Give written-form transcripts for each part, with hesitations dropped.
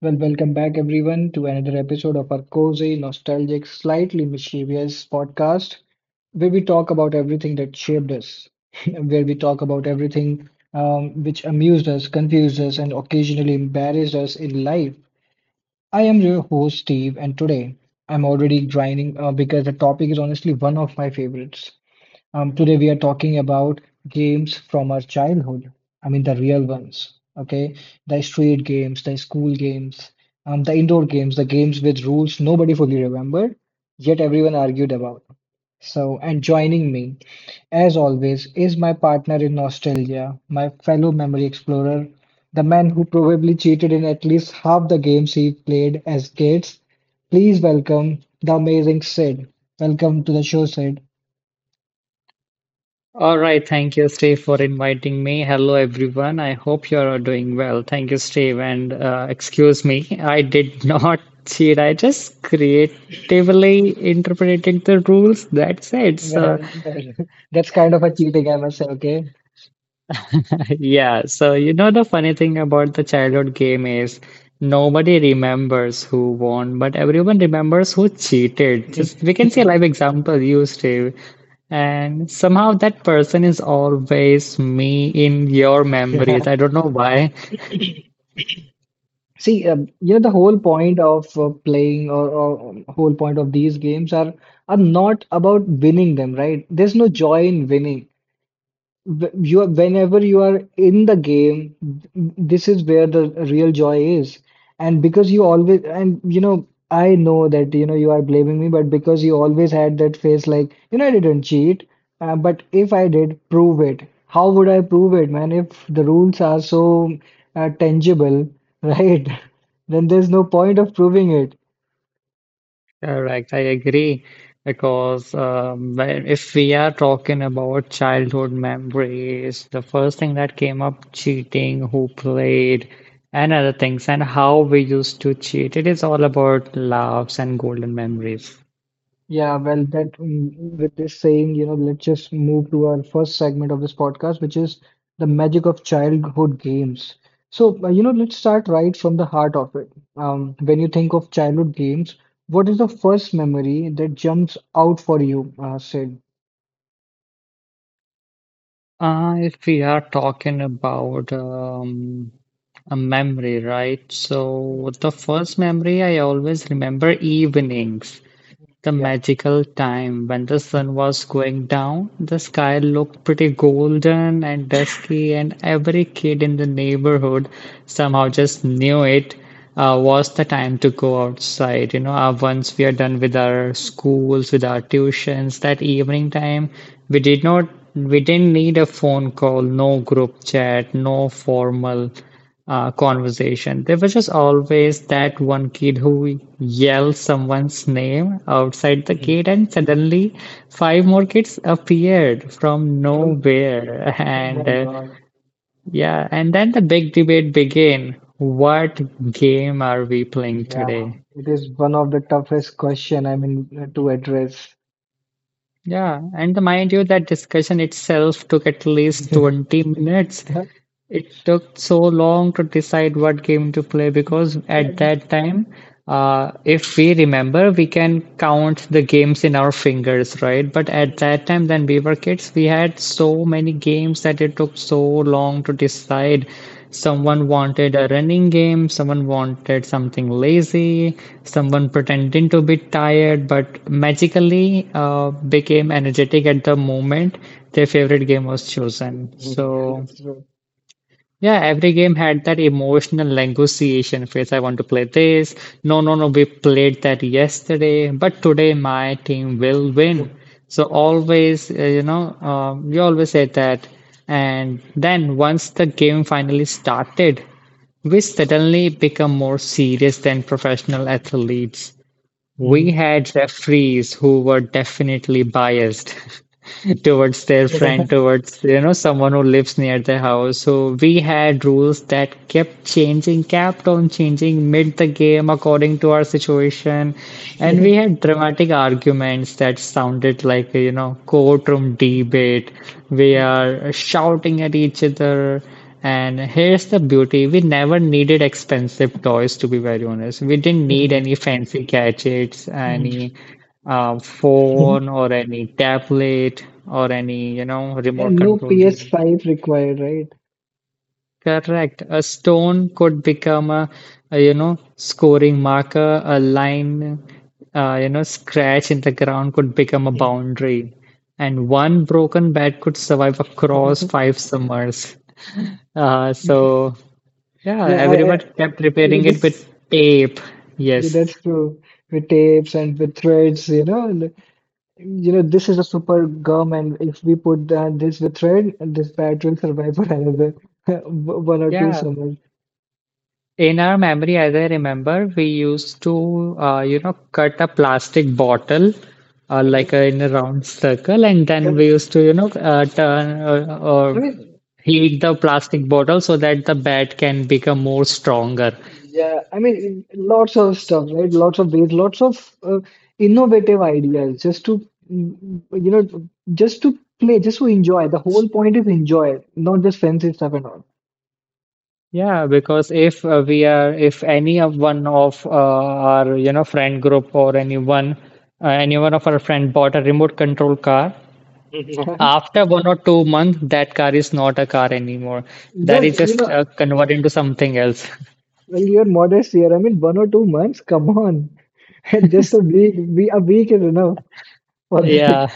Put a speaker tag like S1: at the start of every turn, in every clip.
S1: Well, welcome back everyone to another episode of our cozy, nostalgic, slightly mischievous podcast where we talk about everything that shaped us, where we talk about everything which amused us, confused us, and occasionally embarrassed us in life. I am your host, Steve, and today I'm already grinding because the topic is honestly one of my favorites. Today we are talking about games from our childhood. I mean the real ones, okay? The street games, the school games, the indoor games, the games with rules nobody fully remembered, yet everyone argued about. So, and joining me, as always, is my partner in nostalgia, my fellow memory explorer, the man who probably cheated in at least half the games he played as kids. Please welcome the amazing Sid. Welcome to the show, Sid.
S2: All right, thank you, Steve, for inviting me. Hello, everyone. I hope you are doing well. Thank you, Steve. And excuse me, I did not cheat. I just creatively interpreted the rules. That's it. So
S1: Well, well, that's kind of a cheating, I must say, okay? Yeah.
S2: yeah, so the funny thing about the childhood game is nobody remembers who won, but everyone remembers who cheated. Just we can see a live example, you, Steve. And somehow that person is always me in your
S1: Yeah.
S2: memories. I don't know why.
S1: See, the whole point of playing or whole point of these games are not about winning them, right? There's no joy in winning. You are, whenever you are in the game, this is where the real joy is. And because you always, and you know I know that, you know you are blaming me, but because you always had that face like, you know, I didn't cheat, but if I did, prove it. How would I prove it, man, if the rules are so tangible? Right? Then there's no point of proving it.
S2: Correct, I agree. Because when- if we are talking about childhood memories, the first thing that came up, cheating, who played, and other things, and how we used to cheat. It is all about laughs and golden memories.
S1: Yeah, well, with this saying, let's just move to our first segment of this podcast, which is the magic of childhood games. So, let's start right from the heart of it. When you think of childhood games, what is the first memory that jumps out for you, Sid?
S2: If we are talking about a memory, right? So the first memory I always remember evenings. The
S1: Yeah.
S2: magical time when the sun was going down, the sky looked pretty golden and dusky, and every kid in the neighborhood somehow just knew it was the time to go outside. Once we are done with our schools, with our tuitions, that evening time, we did not, we didn't need a phone call, no group chat, no formal conversation. There was just always that one kid who yelled someone's name outside the gate, and suddenly five more kids appeared from
S1: Mm.
S2: nowhere.
S1: Oh
S2: And
S1: my God.
S2: yeah, and then the big debate began. What game are we playing
S1: Yeah,
S2: today?
S1: it is one of the toughest question, I mean, to address.
S2: Yeah, and mind you, that discussion itself took at least 20 minutes. It took so long to decide what game to play because
S1: Yeah.
S2: at that time, if we remember, we can count the games in our fingers, right? But at that time, when we were kids, we had so many games that it took so long to decide. Someone
S1: Mm.
S2: wanted a running game, someone wanted something lazy, someone pretending to be tired, but magically became energetic at the moment their favorite game was chosen. So yeah, every game had that emotional negotiation phase. I want to play this. No, no, no, we played that yesterday, but today my team will win. So always, we always said that. And then once the game
S1: Mm.
S2: finally started, we suddenly become more serious than professional athletes. We had referees who were definitely biased towards their
S1: That's right.
S2: friend,
S1: Mm.
S2: towards someone who lives near their house. So we had rules that kept changing, kept on changing mid the game according to our situation, and we had dramatic arguments that sounded like you know, courtroom debate. We are shouting at each other. And here's the beauty we never needed expensive toys, to be very honest. We didn't need
S1: Mhm.
S2: any fancy gadgets, any
S1: Mhm.
S2: phone, or any tablet, or any, you know,
S1: Yeah,
S2: remote
S1: no
S2: control game.
S1: PS5 required, right?
S2: Correct. A stone could become a you know, scoring marker, a line, you know, scratch in the ground could become a
S1: Mhm.
S2: boundary. And one broken bat could survive across five summers. So yeah,
S1: Yeah, I
S2: everyone kept
S1: yeah,
S2: repairing it
S1: this
S2: with tape.
S1: yeah,
S2: Yes.
S1: that's true. With tapes and with threads, you know, and, you know, this is a super gum, and if we put that this with a thread, this bat will survive for another one or two
S2: Yeah.
S1: summers.
S2: In our memory, as I remember, we used to, you know, cut a plastic bottle, in a round circle, and then we used to, turn
S1: I
S2: or
S1: mean,
S2: heat the plastic bottle so that the bat can become more stronger.
S1: yeah, I mean, lots of stuff, right? Lots of ways, lots of innovative ideas just to, you know, just to play, just to enjoy. The whole point is enjoy, not just fancy stuff and all.
S2: Yeah, because if we are, if any of one of our, you know, friend group or anyone, any one of our friend bought a remote control car, after 1 or 2 months, that car is not a car anymore. That
S1: Well,
S2: is
S1: you
S2: just
S1: know,
S2: converted into something else.
S1: well, you're modest here. I mean, 1 or 2 months, come on. Just a week, we a week is enough for that.
S2: Yeah.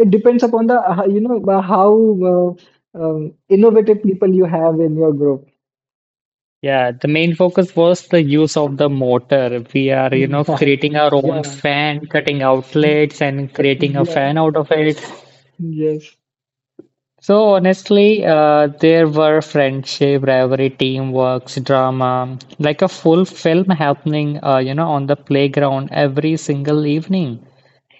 S1: It depends upon the, how innovative people you have in your group.
S2: Yeah, the main focus was the use of the motor. We are, you know, creating our own
S1: Yeah,
S2: fan, cutting
S1: yeah,
S2: outlets and creating a
S1: yeah.
S2: fan out of it.
S1: Yes,
S2: So honestly, there were friendship, rivalry, teamwork, drama, like a full film happening, you know, on the playground every single evening.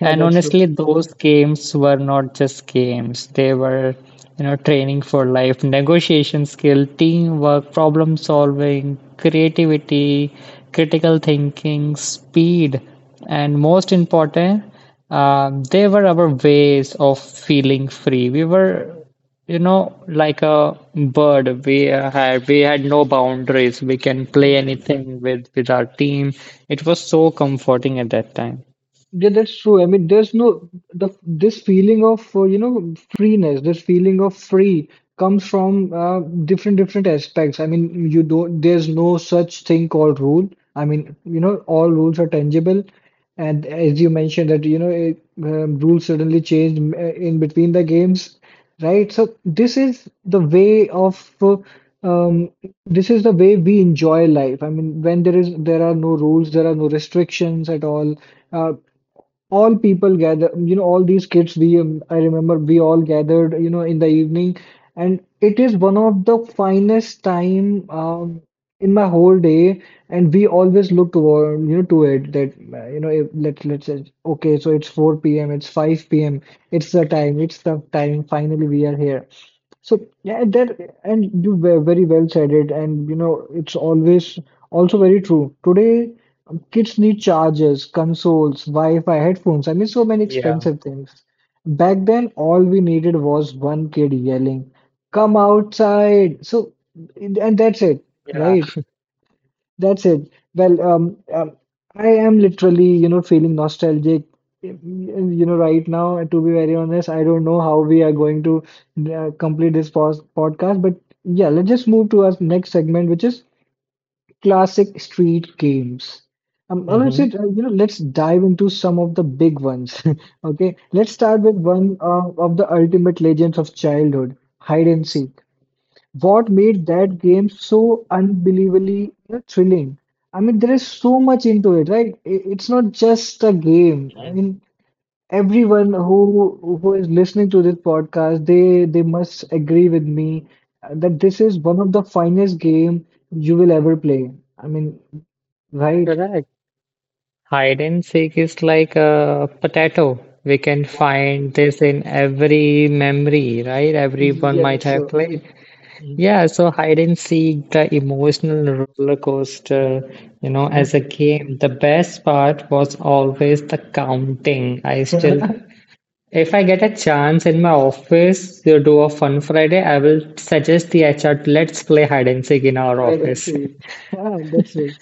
S1: yeah, that's true.
S2: honestly, those games were not just games. They were, you know, training for life, negotiation skill, teamwork, problem solving, creativity, critical thinking, speed, and most important, they were our ways of feeling free. We were, you know, like a bird. We had no boundaries. We can play anything with our team. It was so comforting at that time.
S1: Yeah, that's true. I mean, there's no the this feeling of you know, freeness, this feeling of free comes from different aspects. I mean, you don't, there's no such thing called rule. I mean, you know, all rules are tangible, and as you mentioned that, you know it, rules suddenly change in between the games, right? So this is the way of um, this is the way we enjoy life. I mean, when there is there are no rules, there are no restrictions at all. Uh, all people gather, you know, all these kids, we I remember we all gathered, you know, in the evening, and it is one of the finest time in my whole day. And we always look toward, you know, to it that, you know, if, let's say, okay, so it's 4 p.m., it's 5 p.m., it's the time, finally we are here. So yeah, that, and you were very well said it, and you know it's always also very true. Today, kids need chargers, consoles, Wi-Fi, headphones. I mean, so many
S2: Yeah.
S1: expensive things. Back then, all we needed was one kid yelling, "Come outside!" So, and that's it,
S2: Yeah,
S1: right? That's it. Well, I am literally, you know, feeling nostalgic, you know, right now. And to be very honest, I don't know how we are going to complete this pos podcast. But yeah, let's just move to our next segment, which is classic street games. All right,
S2: mhm,
S1: Sid, let's dive into some of the big ones. Okay, let's start with one of the ultimate legends of childhood, hide and seek. What made that game so unbelievably, you know, thrilling? I mean, there is so much into it, right? It's not just a game. I mean, everyone who is listening to this podcast, they must agree with me that this is one of the finest game you will ever play. I mean, right?
S2: correct. Hide and seek is like a potato. We can find this in every memory, right? Everyone
S1: Yeah,
S2: might
S1: that's
S2: have
S1: so.
S2: played. Yeah, so hide and seek, the emotional roller coaster, you know, as a game, the best part was always the counting. I still, if I get a chance in my office to do a fun Friday, I will suggest the HR, to let's play hide and seek in our
S1: Right,
S2: office.
S1: actually, that's true.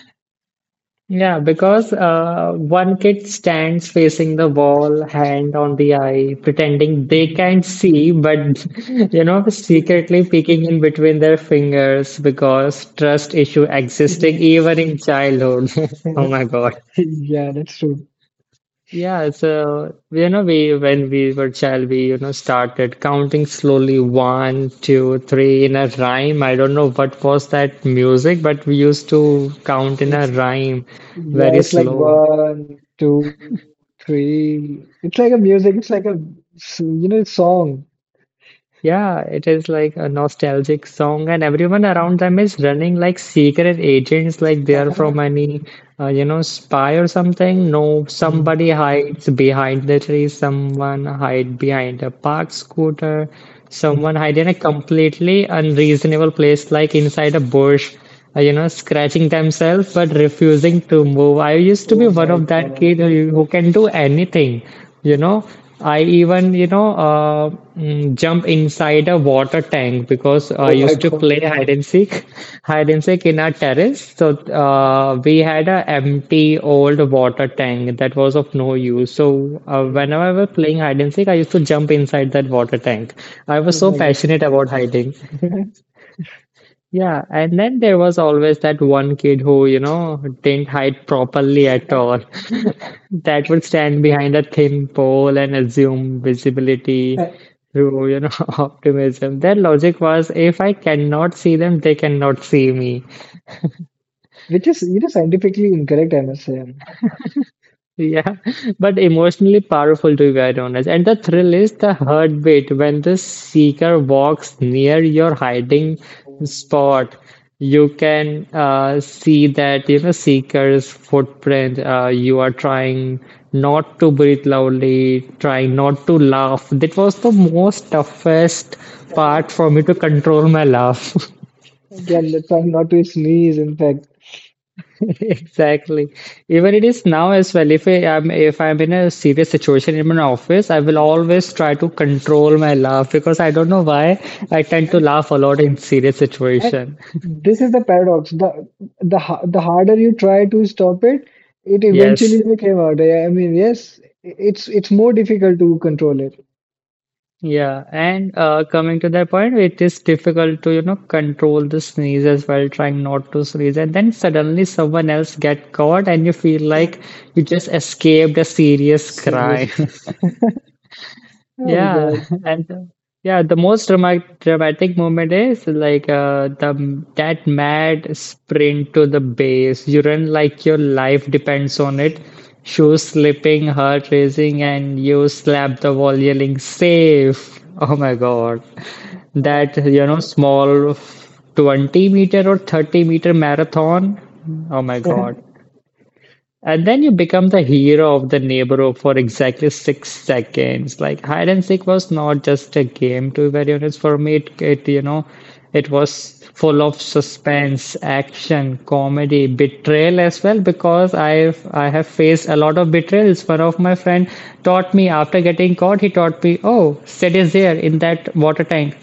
S2: Yeah, because one kid stands facing the wall, hand on the eye, pretending they can't see, but you know,
S1: Yeah.
S2: secretly peeking in between their fingers because trust issue existing
S1: Yeah.
S2: even in childhood. Oh my God.
S1: Yeah, that's true.
S2: Yeah, so you know, we when we were child, we started counting slowly one, two, three in a rhyme. I don't know what was that music, but we used to count in a
S1: It's
S2: rhyme
S1: yeah,
S2: very
S1: it's like
S2: slow.
S1: one, two, three. It's like a music. It's like a you know, song.
S2: Yeah, it is like a nostalgic song, and everyone around them is running like secret agents, like they are from any, you know, spy or something. No,
S1: Mm.
S2: somebody hides behind the tree, someone hide behind a parked scooter,
S1: Mhm.
S2: someone hide in a completely unreasonable place, like inside a bush, you know, scratching themselves but refusing to move. I used to be
S1: Oh
S2: one
S1: my
S2: of that
S1: God.
S2: kid who can do anything, you know. I even, you know, jump inside a water tank because I
S1: Oh my
S2: used to
S1: god.
S2: play hide and seek, hide and seek in our terrace. So we had a empty old water tank that was of no use. So
S1: Mhm.
S2: whenever I was playing hide and seek, I used to jump inside that water tank. I was
S1: Oh
S2: so
S1: my god.
S2: passionate about hiding. Yeah, and then there was always that one kid who, you know, didn't hide properly at all. That would stand behind a thin pole and assume visibility through, you know, optimism. Their logic was, if I cannot see them, they cannot see me.
S1: Which is, you know, scientifically incorrect, I must say.
S2: Yeah, but emotionally powerful to be quite honest. And the thrill is the heartbeat when the seeker walks near your hiding spot. You can see that you know seeker's footprint. You are trying not to breathe loudly, trying not to laugh. That was the most toughest part for me to control my laugh.
S1: Yeah, let's try not to sneeze, in fact.
S2: Exactly. Even it is now as well. If I'm in a serious situation in my office, I will always try to control my laugh because I don't know why I tend to laugh a lot in serious
S1: And
S2: situation.
S1: this is the paradox. The harder you try to stop it, it
S2: Yes.
S1: eventually will came out. Yeah, I mean, yes, it's more difficult to control it.
S2: Yeah. And coming to that point, it is difficult to, you know, control the sneeze as well, trying not to sneeze. And then suddenly someone else get caught and you feel
S1: Yeah.
S2: like you just escaped a serious
S1: Serious.
S2: crime.
S1: Oh my
S2: Yeah,
S1: God.
S2: and yeah, the most dramatic moment is like the that mad sprint to the base. You run like your life depends on it. Shoes slipping, heart racing, and you slap the wall yelling "safe." Oh my God, that you know small 20 meter or 30-meter marathon. Oh my
S1: Uh,
S2: God, and then you become the hero of the neighborhood for exactly 6 seconds. Like hide and seek was not just a game, to be very honest. For me, it was full of suspense, action, comedy, betrayal as well. Because I have faced a lot of betrayals. One of my friend taught me after getting caught. He taught me, oh, sit is there in that water tank.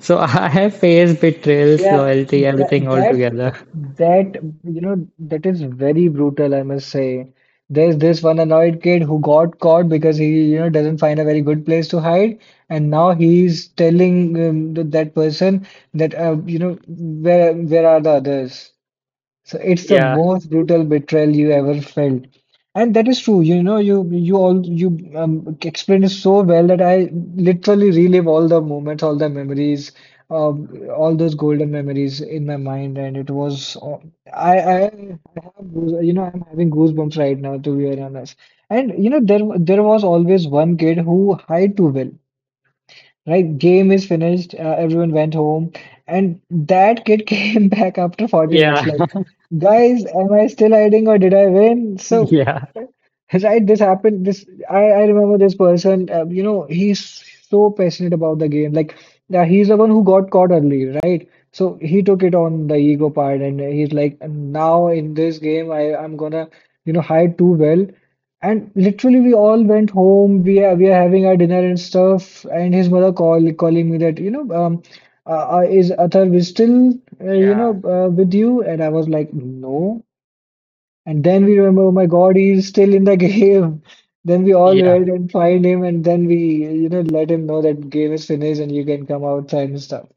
S2: So I have faced betrayals,
S1: Yeah,
S2: loyalty,
S1: that
S2: everything all
S1: that
S2: together.
S1: that you know, that is very brutal, I must say. There's this one annoyed kid who got caught because he, you know, doesn't find a very good place to hide, and now he's telling that person that, you know, where are the others? So it's the yeah,
S2: Yeah,
S1: most brutal betrayal you ever felt, and that is true. You know, you all you explained it so well that I literally relive all the moments, all the memories, um, all those golden memories in my mind, and it was, I have you know, I'm having goosebumps right now, to be very honest. And you know, there was always one kid who hid too well. Right, game is finished. Everyone went home, and that kid came back after 40 minutes.
S2: yeah,
S1: Like, guys, am I still hiding or did I win? So, right, this happened. I remember this person. You know, he's so passionate about the game. Like, he's the one who got caught early, right? So he took it on the ego part, and he's like, now in this game, I'm gonna, you know, hide too well. And literally, we all went home. We are having our dinner and stuff. And his mother calling me that, you know, is Athar we still you know,
S2: yeah.
S1: with you? And I was like, no. And then we remember, oh my God, he's still in the game. Then we all
S2: Yeah,
S1: run and find him, and then we, you know, let him know that game is finished and you can come outside and stuff.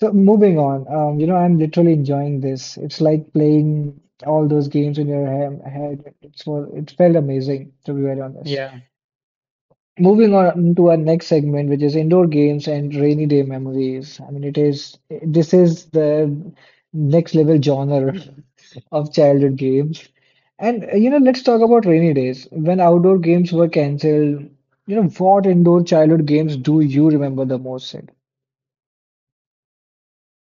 S1: So moving on, you know, I'm literally enjoying this. It's like playing all those games in your he head. It's was it felt amazing, to be very honest.
S2: yeah,
S1: Moving on to our next segment, which is indoor games and rainy day memories. I mean, it is this is the next level genre of childhood game. And you know, let's talk about rainy days. When outdoor games were cancelled, you know, what indoor childhood games do you remember the most, Sid?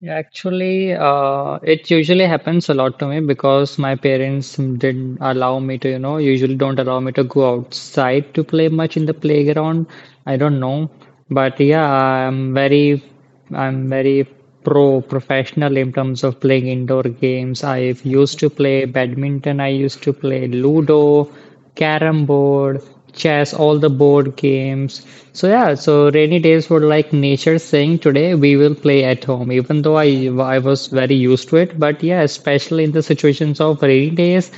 S2: yeah. Actually, it usually happens a lot to me because my parents didn't allow me to, you know, usually don't allow me to go outside to play much in the playground. I don't know, but yeah, I'm very professional in terms of playing indoor games. I used to play badminton. I used to play Ludo, Carrom board, chess, all the board games. So yeah, so rainy days were like nature saying today we will play at home. Even though I was very used to it, but yeah, especially in the situations of rainy days,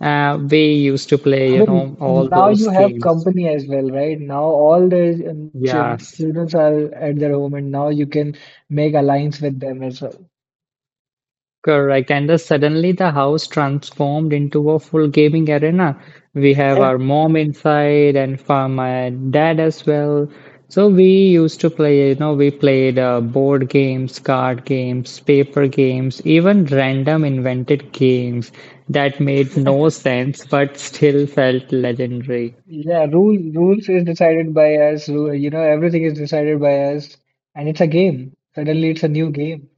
S2: we used to play
S1: I
S2: you
S1: mean,
S2: know all
S1: now
S2: those
S1: you have
S2: games.
S1: company as well, right? Now all the
S2: Yes.
S1: children are at their home, and now you can make alliance with them as well.
S2: Correct. And then suddenly the house transformed into a full gaming arena. We have
S1: Yeah.
S2: our mom inside and for my dad as well. So we used to play, you know, we played board games, card games, paper games, even random invented games that made no sense but still felt legendary.
S1: Yeah, rules is decided by us. Rule, you know, everything is decided by us, and it's a game. Suddenly, it's a new game.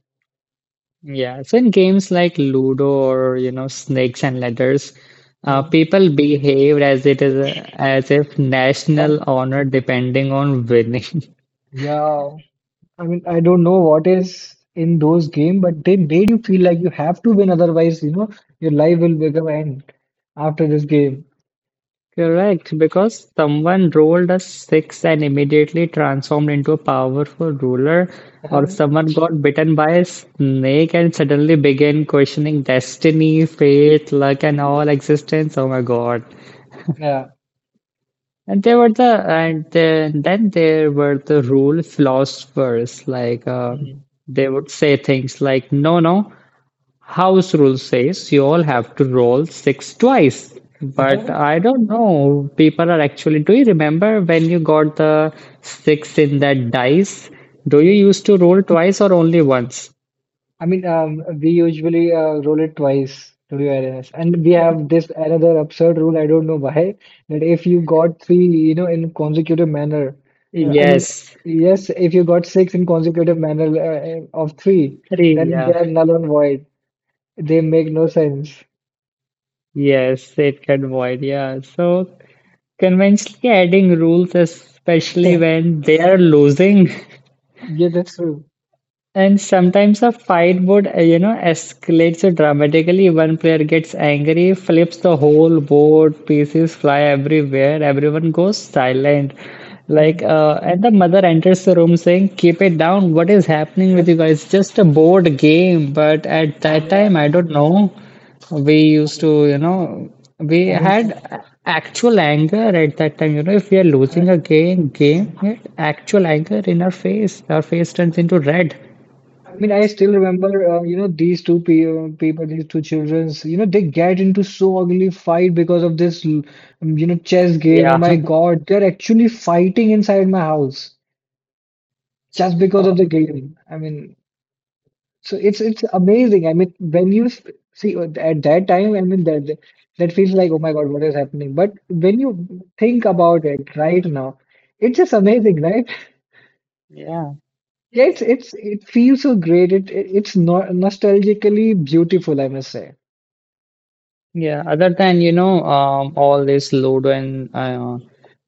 S2: Yeah, so in games like Ludo or Snakes and Ladders,
S1: Hmm.
S2: people behaved as it is a, as if
S1: Yeah,
S2: national honor depending on winning.
S1: yeah. I mean, I don't know what is in those game, but they made you feel like you have to win, otherwise, you know, your life will become end after this game.
S2: Correct, because someone rolled a six and immediately transformed into a powerful ruler, or someone got bitten by a snake and suddenly began questioning destiny, fate, luck, and all existence. Oh my God.
S1: Yeah.
S2: And there were the and then there were the rule philosophers like
S1: Mhm.
S2: they would say things like no no house rule says you all have to roll six twice, but I don't know, people are actually, do you remember when you got the six in that dice, do you used to roll twice or only once?
S1: I mean, we usually roll it twice, to be very honest. And we have this another absurd rule, I don't know why, that if you got three, you know, in consecutive manner, I mean,
S2: Yes,
S1: yes, yes, if you got six in consecutive manner of three,
S2: three.
S1: then
S2: Yeah,
S1: they are null and void. They make no sense.
S2: yes, it can void. Yeah, so conventionally, adding rules, especially
S1: Yeah,
S2: when they're losing.
S1: yeah, that's true.
S2: And sometimes a fight would, escalate so dramatically. One player gets angry, flips the whole board, pieces fly everywhere, everyone goes silent.
S1: Mm.
S2: Like, and the mother enters the room saying, keep it down, what is happening with you guys? Just a board game. But at that time,
S1: Yeah,
S2: I don't know, we used
S1: yeah.
S2: to, you know, we
S1: I mean, I mean,
S2: had actual anger at that time. You know, if we are
S1: I,
S2: losing a game,
S1: I-
S2: game, we had actual anger in our face turns into red.
S1: I mean, I still remember, you know, these two pe people, these two childrens, you know, they get into so ugly fight because of this, you know, chess game. Oh yeah,
S2: Yeah.
S1: my God, they're actually fighting inside my house just because of the game. I mean, so it's amazing. I mean, when you see at that time, I mean that that that feels like, oh my God, what is happening? But when you think about it right now, it's just amazing, right?
S2: Yeah,
S1: Yeah, it feels so great. It's not nostalgically beautiful, I must say.
S2: yeah. Other than, you know, all this Ludo and uh,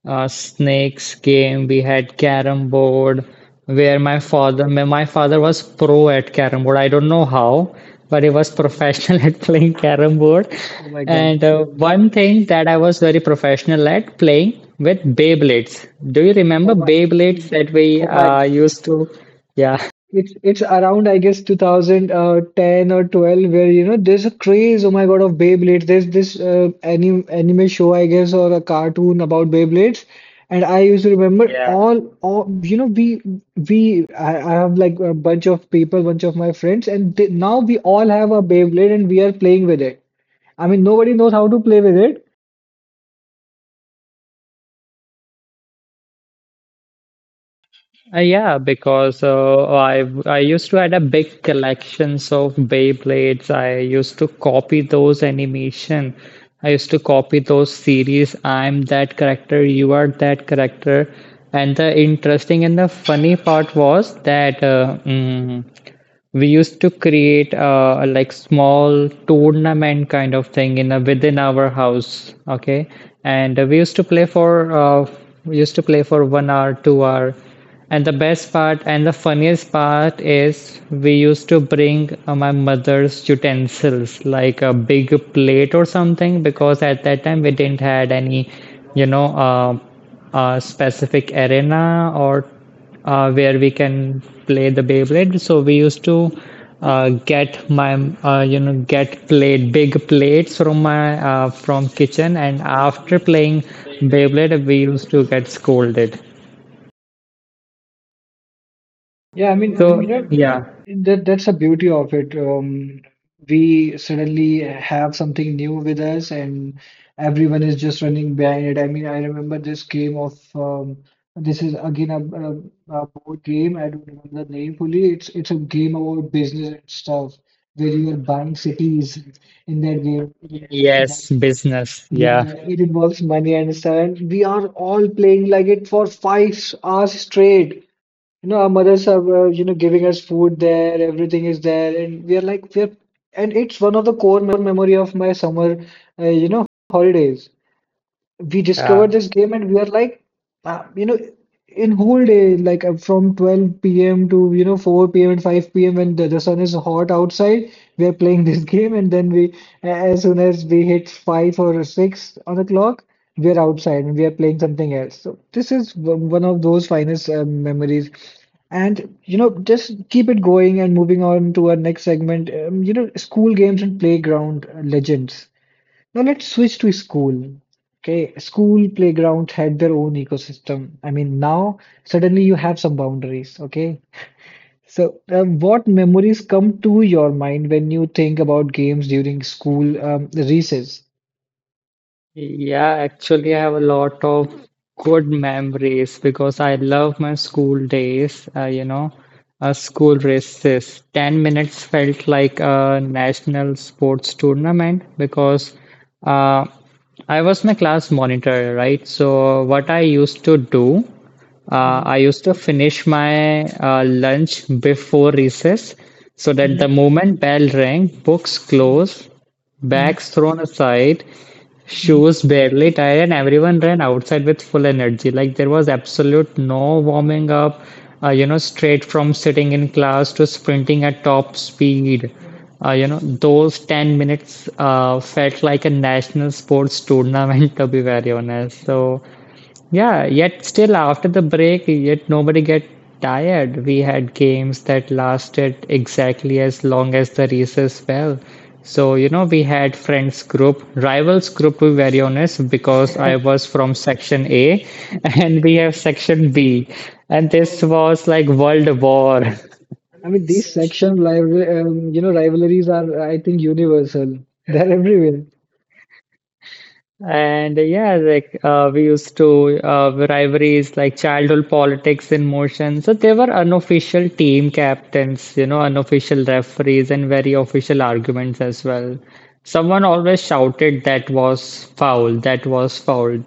S2: uh, snakes game, we had carrom board where my father, my father was pro at carrom board. I don't know how, but he was professional at playing carrom board.
S1: Oh my god.
S2: And one thing that I was very professional at playing with Beyblades. Do you remember
S1: Oh my,
S2: Beyblades that we
S1: oh my,
S2: used to? Yeah.
S1: it's around, I guess, 2010 or 12, where, you know, there's a craze. Oh my God, of Beyblades. There's this anime show, I guess, or a cartoon about Beyblades, and I used to remember,
S2: Yeah.
S1: all you know, I have like a bunch of people, bunch of my friends, and they, now we all have a Beyblade and we are playing with it. I mean, nobody knows how to play with it,
S2: Yeah, because I used to had a big collections of Beyblades. I used to copy those animation. I used to copy those series. I'm that character, you are that character. And the interesting and the funny part was that we used to create a like small tournament kind of thing in a, within our house. Okay. And we used to play for 1 hour 2 hour, and the best part and the funniest part is we used to bring my mother's utensils like a big plate or something, because at that time we didn't had any, you know, specific arena or where we can play the Beyblade. So we used to get my get plate big plates from my from kitchen, and after playing Beyblade, we used to get scolded.
S3: Yeah, I mean, yeah,
S2: So yeah,
S3: that's the beauty of it. We suddenly have something new with us, and everyone is just running behind it. I mean, I remember this game of this is again a board game. I don't remember the name fully. It's a game about business and stuff where you are buying cities in that game. It has money.
S2: yes, business,
S3: Yeah,
S2: yeah,
S3: it involves money and stuff. And we are all playing like it for 5 hours straight. Our mothers are, giving us food there, everything is there, and we are like, we're, and it's one of the core memory of my summer, holidays. We
S2: yeah.
S3: discovered this game and we are like uh, you know in whole day like from 12 p.m. to 4 p.m. and 5 p.m. When the sun is hot outside, we are playing this game. And then as soon as we hit 5 or 6 on the clock, we are outside and we are playing something else. So this is one of those finest memories. And just keep it going and moving on to our next segment, school games and playground legends. Now let's switch to school. Okay, school playgrounds had their own ecosystem. I mean, now suddenly you have some boundaries. Okay, so what memories come to your mind when you think about games during school recess?
S2: Yeah, actually, I have a lot of good memories because I love my school days. School races. 10 minutes felt like a national sports tournament, because uh, I was my class monitor, right? So, what I used to do,
S3: hmm
S2: I used to finish my lunch before recess so that the
S3: hmm
S2: moment bell rang, books
S3: hmm
S2: closed.
S3: hmm
S2: Bags thrown aside,
S3: hmm
S2: shoes barely tied, and everyone ran outside with full energy. Like there was absolute no warming up, straight from sitting in class to sprinting at top speed. Those 10 minutes felt like a national sports tournament, to be very honest. So, yeah, yet still after the break, yet nobody get tired. We had games that lasted exactly as long as the recess fell. So, you know, we had friends group, rivals group, to be very honest, because I was from section A and we have section B. And this was like world war.
S3: I mean, these section rival, rivalries are, I think, universal. They're everywhere.
S2: And yeah, like we used to rivalries like childhood politics in motion. So they were unofficial team captains, you know, unofficial referees, and very official arguments as well. Someone always shouted that was foul, that was foul.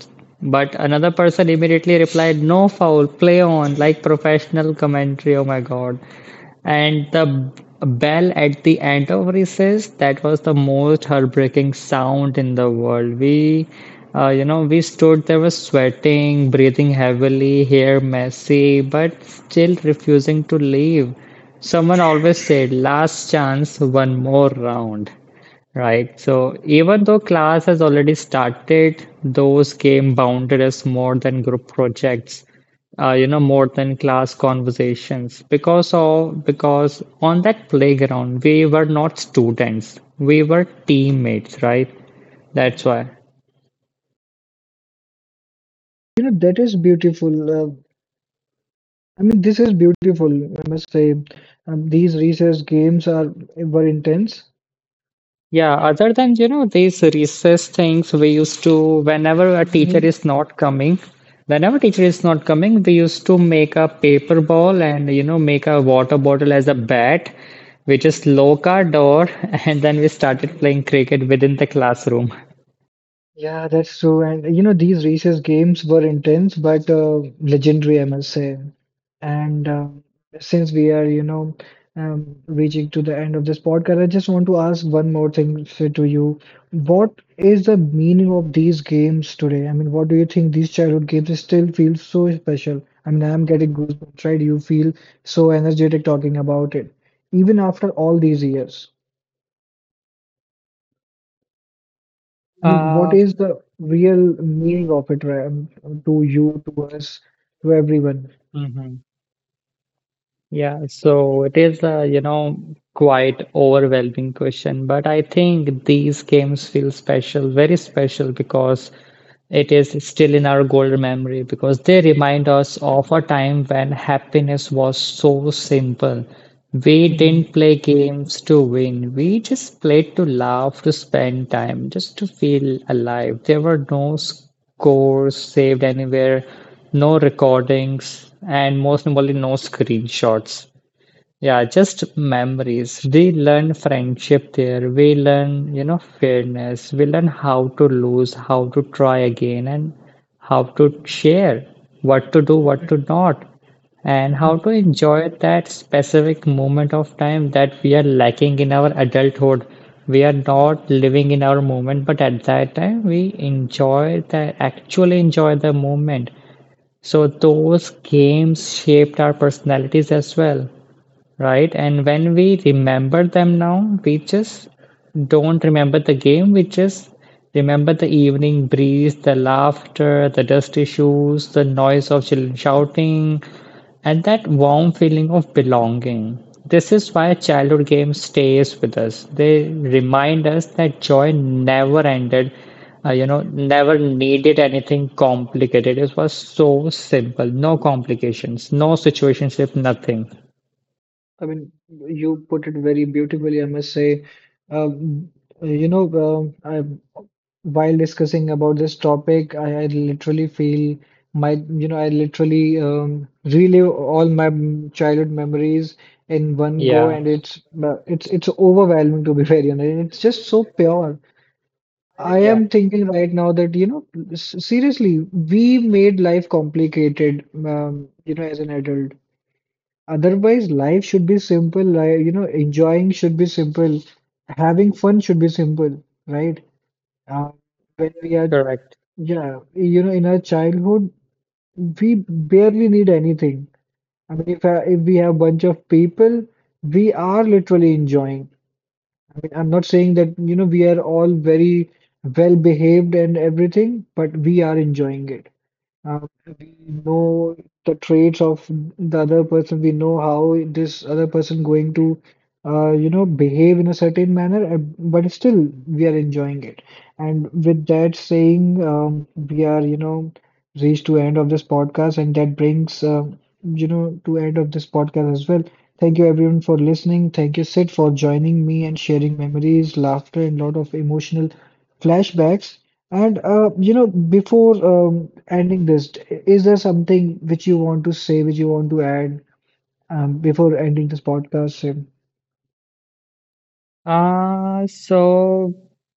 S2: But another person immediately replied, no foul, play on, like professional commentary. Oh my God. And the bell at the end of recess, that was the most heartbreaking sound in the world. We, we stood there, was sweating, breathing heavily, hair messy, but still refusing to leave. Someone always said, last chance, one more round. Right. So even though class has already started, those game bounded as more than group projects, more than class conversations. Because of because on that playground, we were not students, we were teammates, right? That's why.
S3: You know, that is beautiful. I mean, this is beautiful. I must say, these recess games are were intense.
S2: Yeah, other than, you know, these recess things, we used to, whenever a teacher
S3: Mhm.
S2: is not coming, whenever teacher is not coming, we used to make a paper ball and, you know, make a water bottle as a bat. We just lock our door and then we started playing cricket within the classroom.
S3: Yeah, that's true. And you know, these races games were intense but legendary, I must say. And since we are, reaching to the end of this podcast, I just want to ask one more thing to you. What is the meaning of these games today? I mean, what do you think these childhood games still feel so special? I mean, I'm getting goosebumps, right? You feel so energetic talking about it, even after all these years. I mean, what
S2: Uh,
S3: is the real meaning of it, right, to you, to us, to everyone?
S2: mhm. Yeah, so it is a, you know, quite overwhelming question, but I think these games feel special, very special because it is still in our golden memory because they remind us of a time when happiness was so simple. We
S3: Mhm.
S2: didn't play games to win. We just played to laugh, to spend time, just to feel alive. There were no scores saved anywhere, no recordings, and most importantly, no screenshots. Yeah, just memories. We learn friendship there. We learn, you know, fairness. We learn how to lose, how to try again, and how to share, what to do, what
S3: Mhm.
S2: to not, and how to
S3: Mhm.
S2: enjoy that specific moment of time that we are lacking in our adulthood. We are not living in our moment, but at that time we enjoy the actually enjoy the moment. So those games shaped our personalities as well. Right, and when we remember them now, we just don't remember the game, we just remember the evening breeze, the laughter, the dusty shoes, the noise of children shouting, and that warm feeling of belonging. This is why childhood games stays with us. They remind us that joy never ended, never needed anything complicated. It was so simple, no complications, no situationship, nothing.
S3: I mean, you put it very beautifully, I must say. Um, you know, um I, while discussing about this topic, I literally feel my, I literally relive all my childhood memories in one go,
S2: Yeah.
S3: and it's overwhelming, to be very honest. It's just so pure. I
S2: Yeah,
S3: am thinking right now that, you know, seriously, we made life complicated, as an adult. Otherwise, life should be simple. Like, you know, enjoying should be simple. Having fun should be simple, right? Uh, when we are,
S2: correct.
S3: yeah, you know, in our childhood, we barely need anything. I mean, if, I, if we have bunch of people, we are literally enjoying. I mean, I'm not saying that, you know, we are all very well behaved and everything, but we are enjoying it. Um, we know the traits of the other person. We know how this other person going to, behave in a certain manner. But still, we are enjoying it. And with that saying, we are, reached to end of this podcast, and that brings, to end of this podcast as well. Thank you everyone for listening. Thank you, Sid, for joining me and sharing memories, laughter, and lot of emotional flashbacks. And before ending this, is there something which you want to say, which you want to add, before ending this podcast? Sim?
S2: So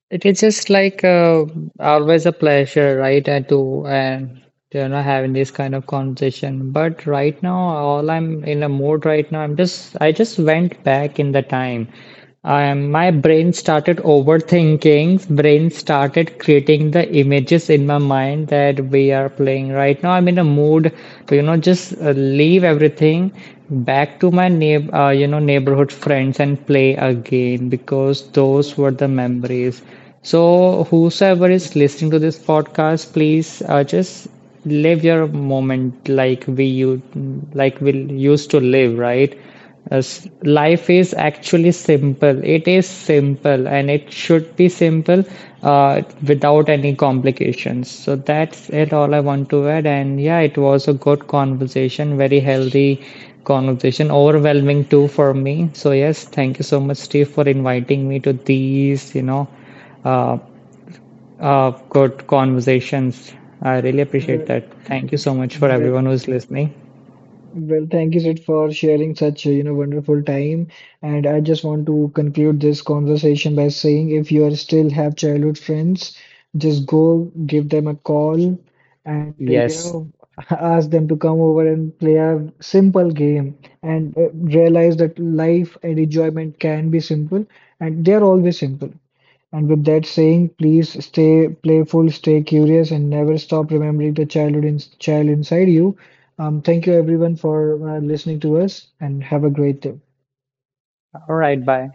S2: it is just like always a pleasure, right? And to and you know having this kind of conversation. But right now, all I'm in a mood right now. I just went back in the time. My brain started overthinking. Brain started creating the images in my mind that we are playing right now. I'm in a mood to you know just leave everything back to my neighborhood friends and play a game because
S3: Uh,
S2: those were the memories. So whosoever is
S3: if
S2: listening to this podcast, please just live your moment like we you like we used to live, right? As life is actually simple. It is simple and it should be simple without any complications. So that's it, all I want to add. And yeah, it was a good conversation, very healthy conversation, overwhelming too for me. So, yes, thank you so much, Steve, for inviting me to these, you know, uh, good conversations. I really appreciate
S3: there-
S2: that. Thank you so much for everyone who's listening.
S3: Well, thank you, Sid, for sharing such, wonderful time. And I just want to conclude this conversation by saying if you are still have childhood friends, just go give them a call and,
S2: Yes.
S3: ask them to come over and play a simple game and realize that life and enjoyment can be simple and they're always simple. And with that saying, please stay playful, stay curious, and never stop remembering the childhood in child inside you. Thank you everyone for listening to us, and have a great day.
S2: All right. Bye.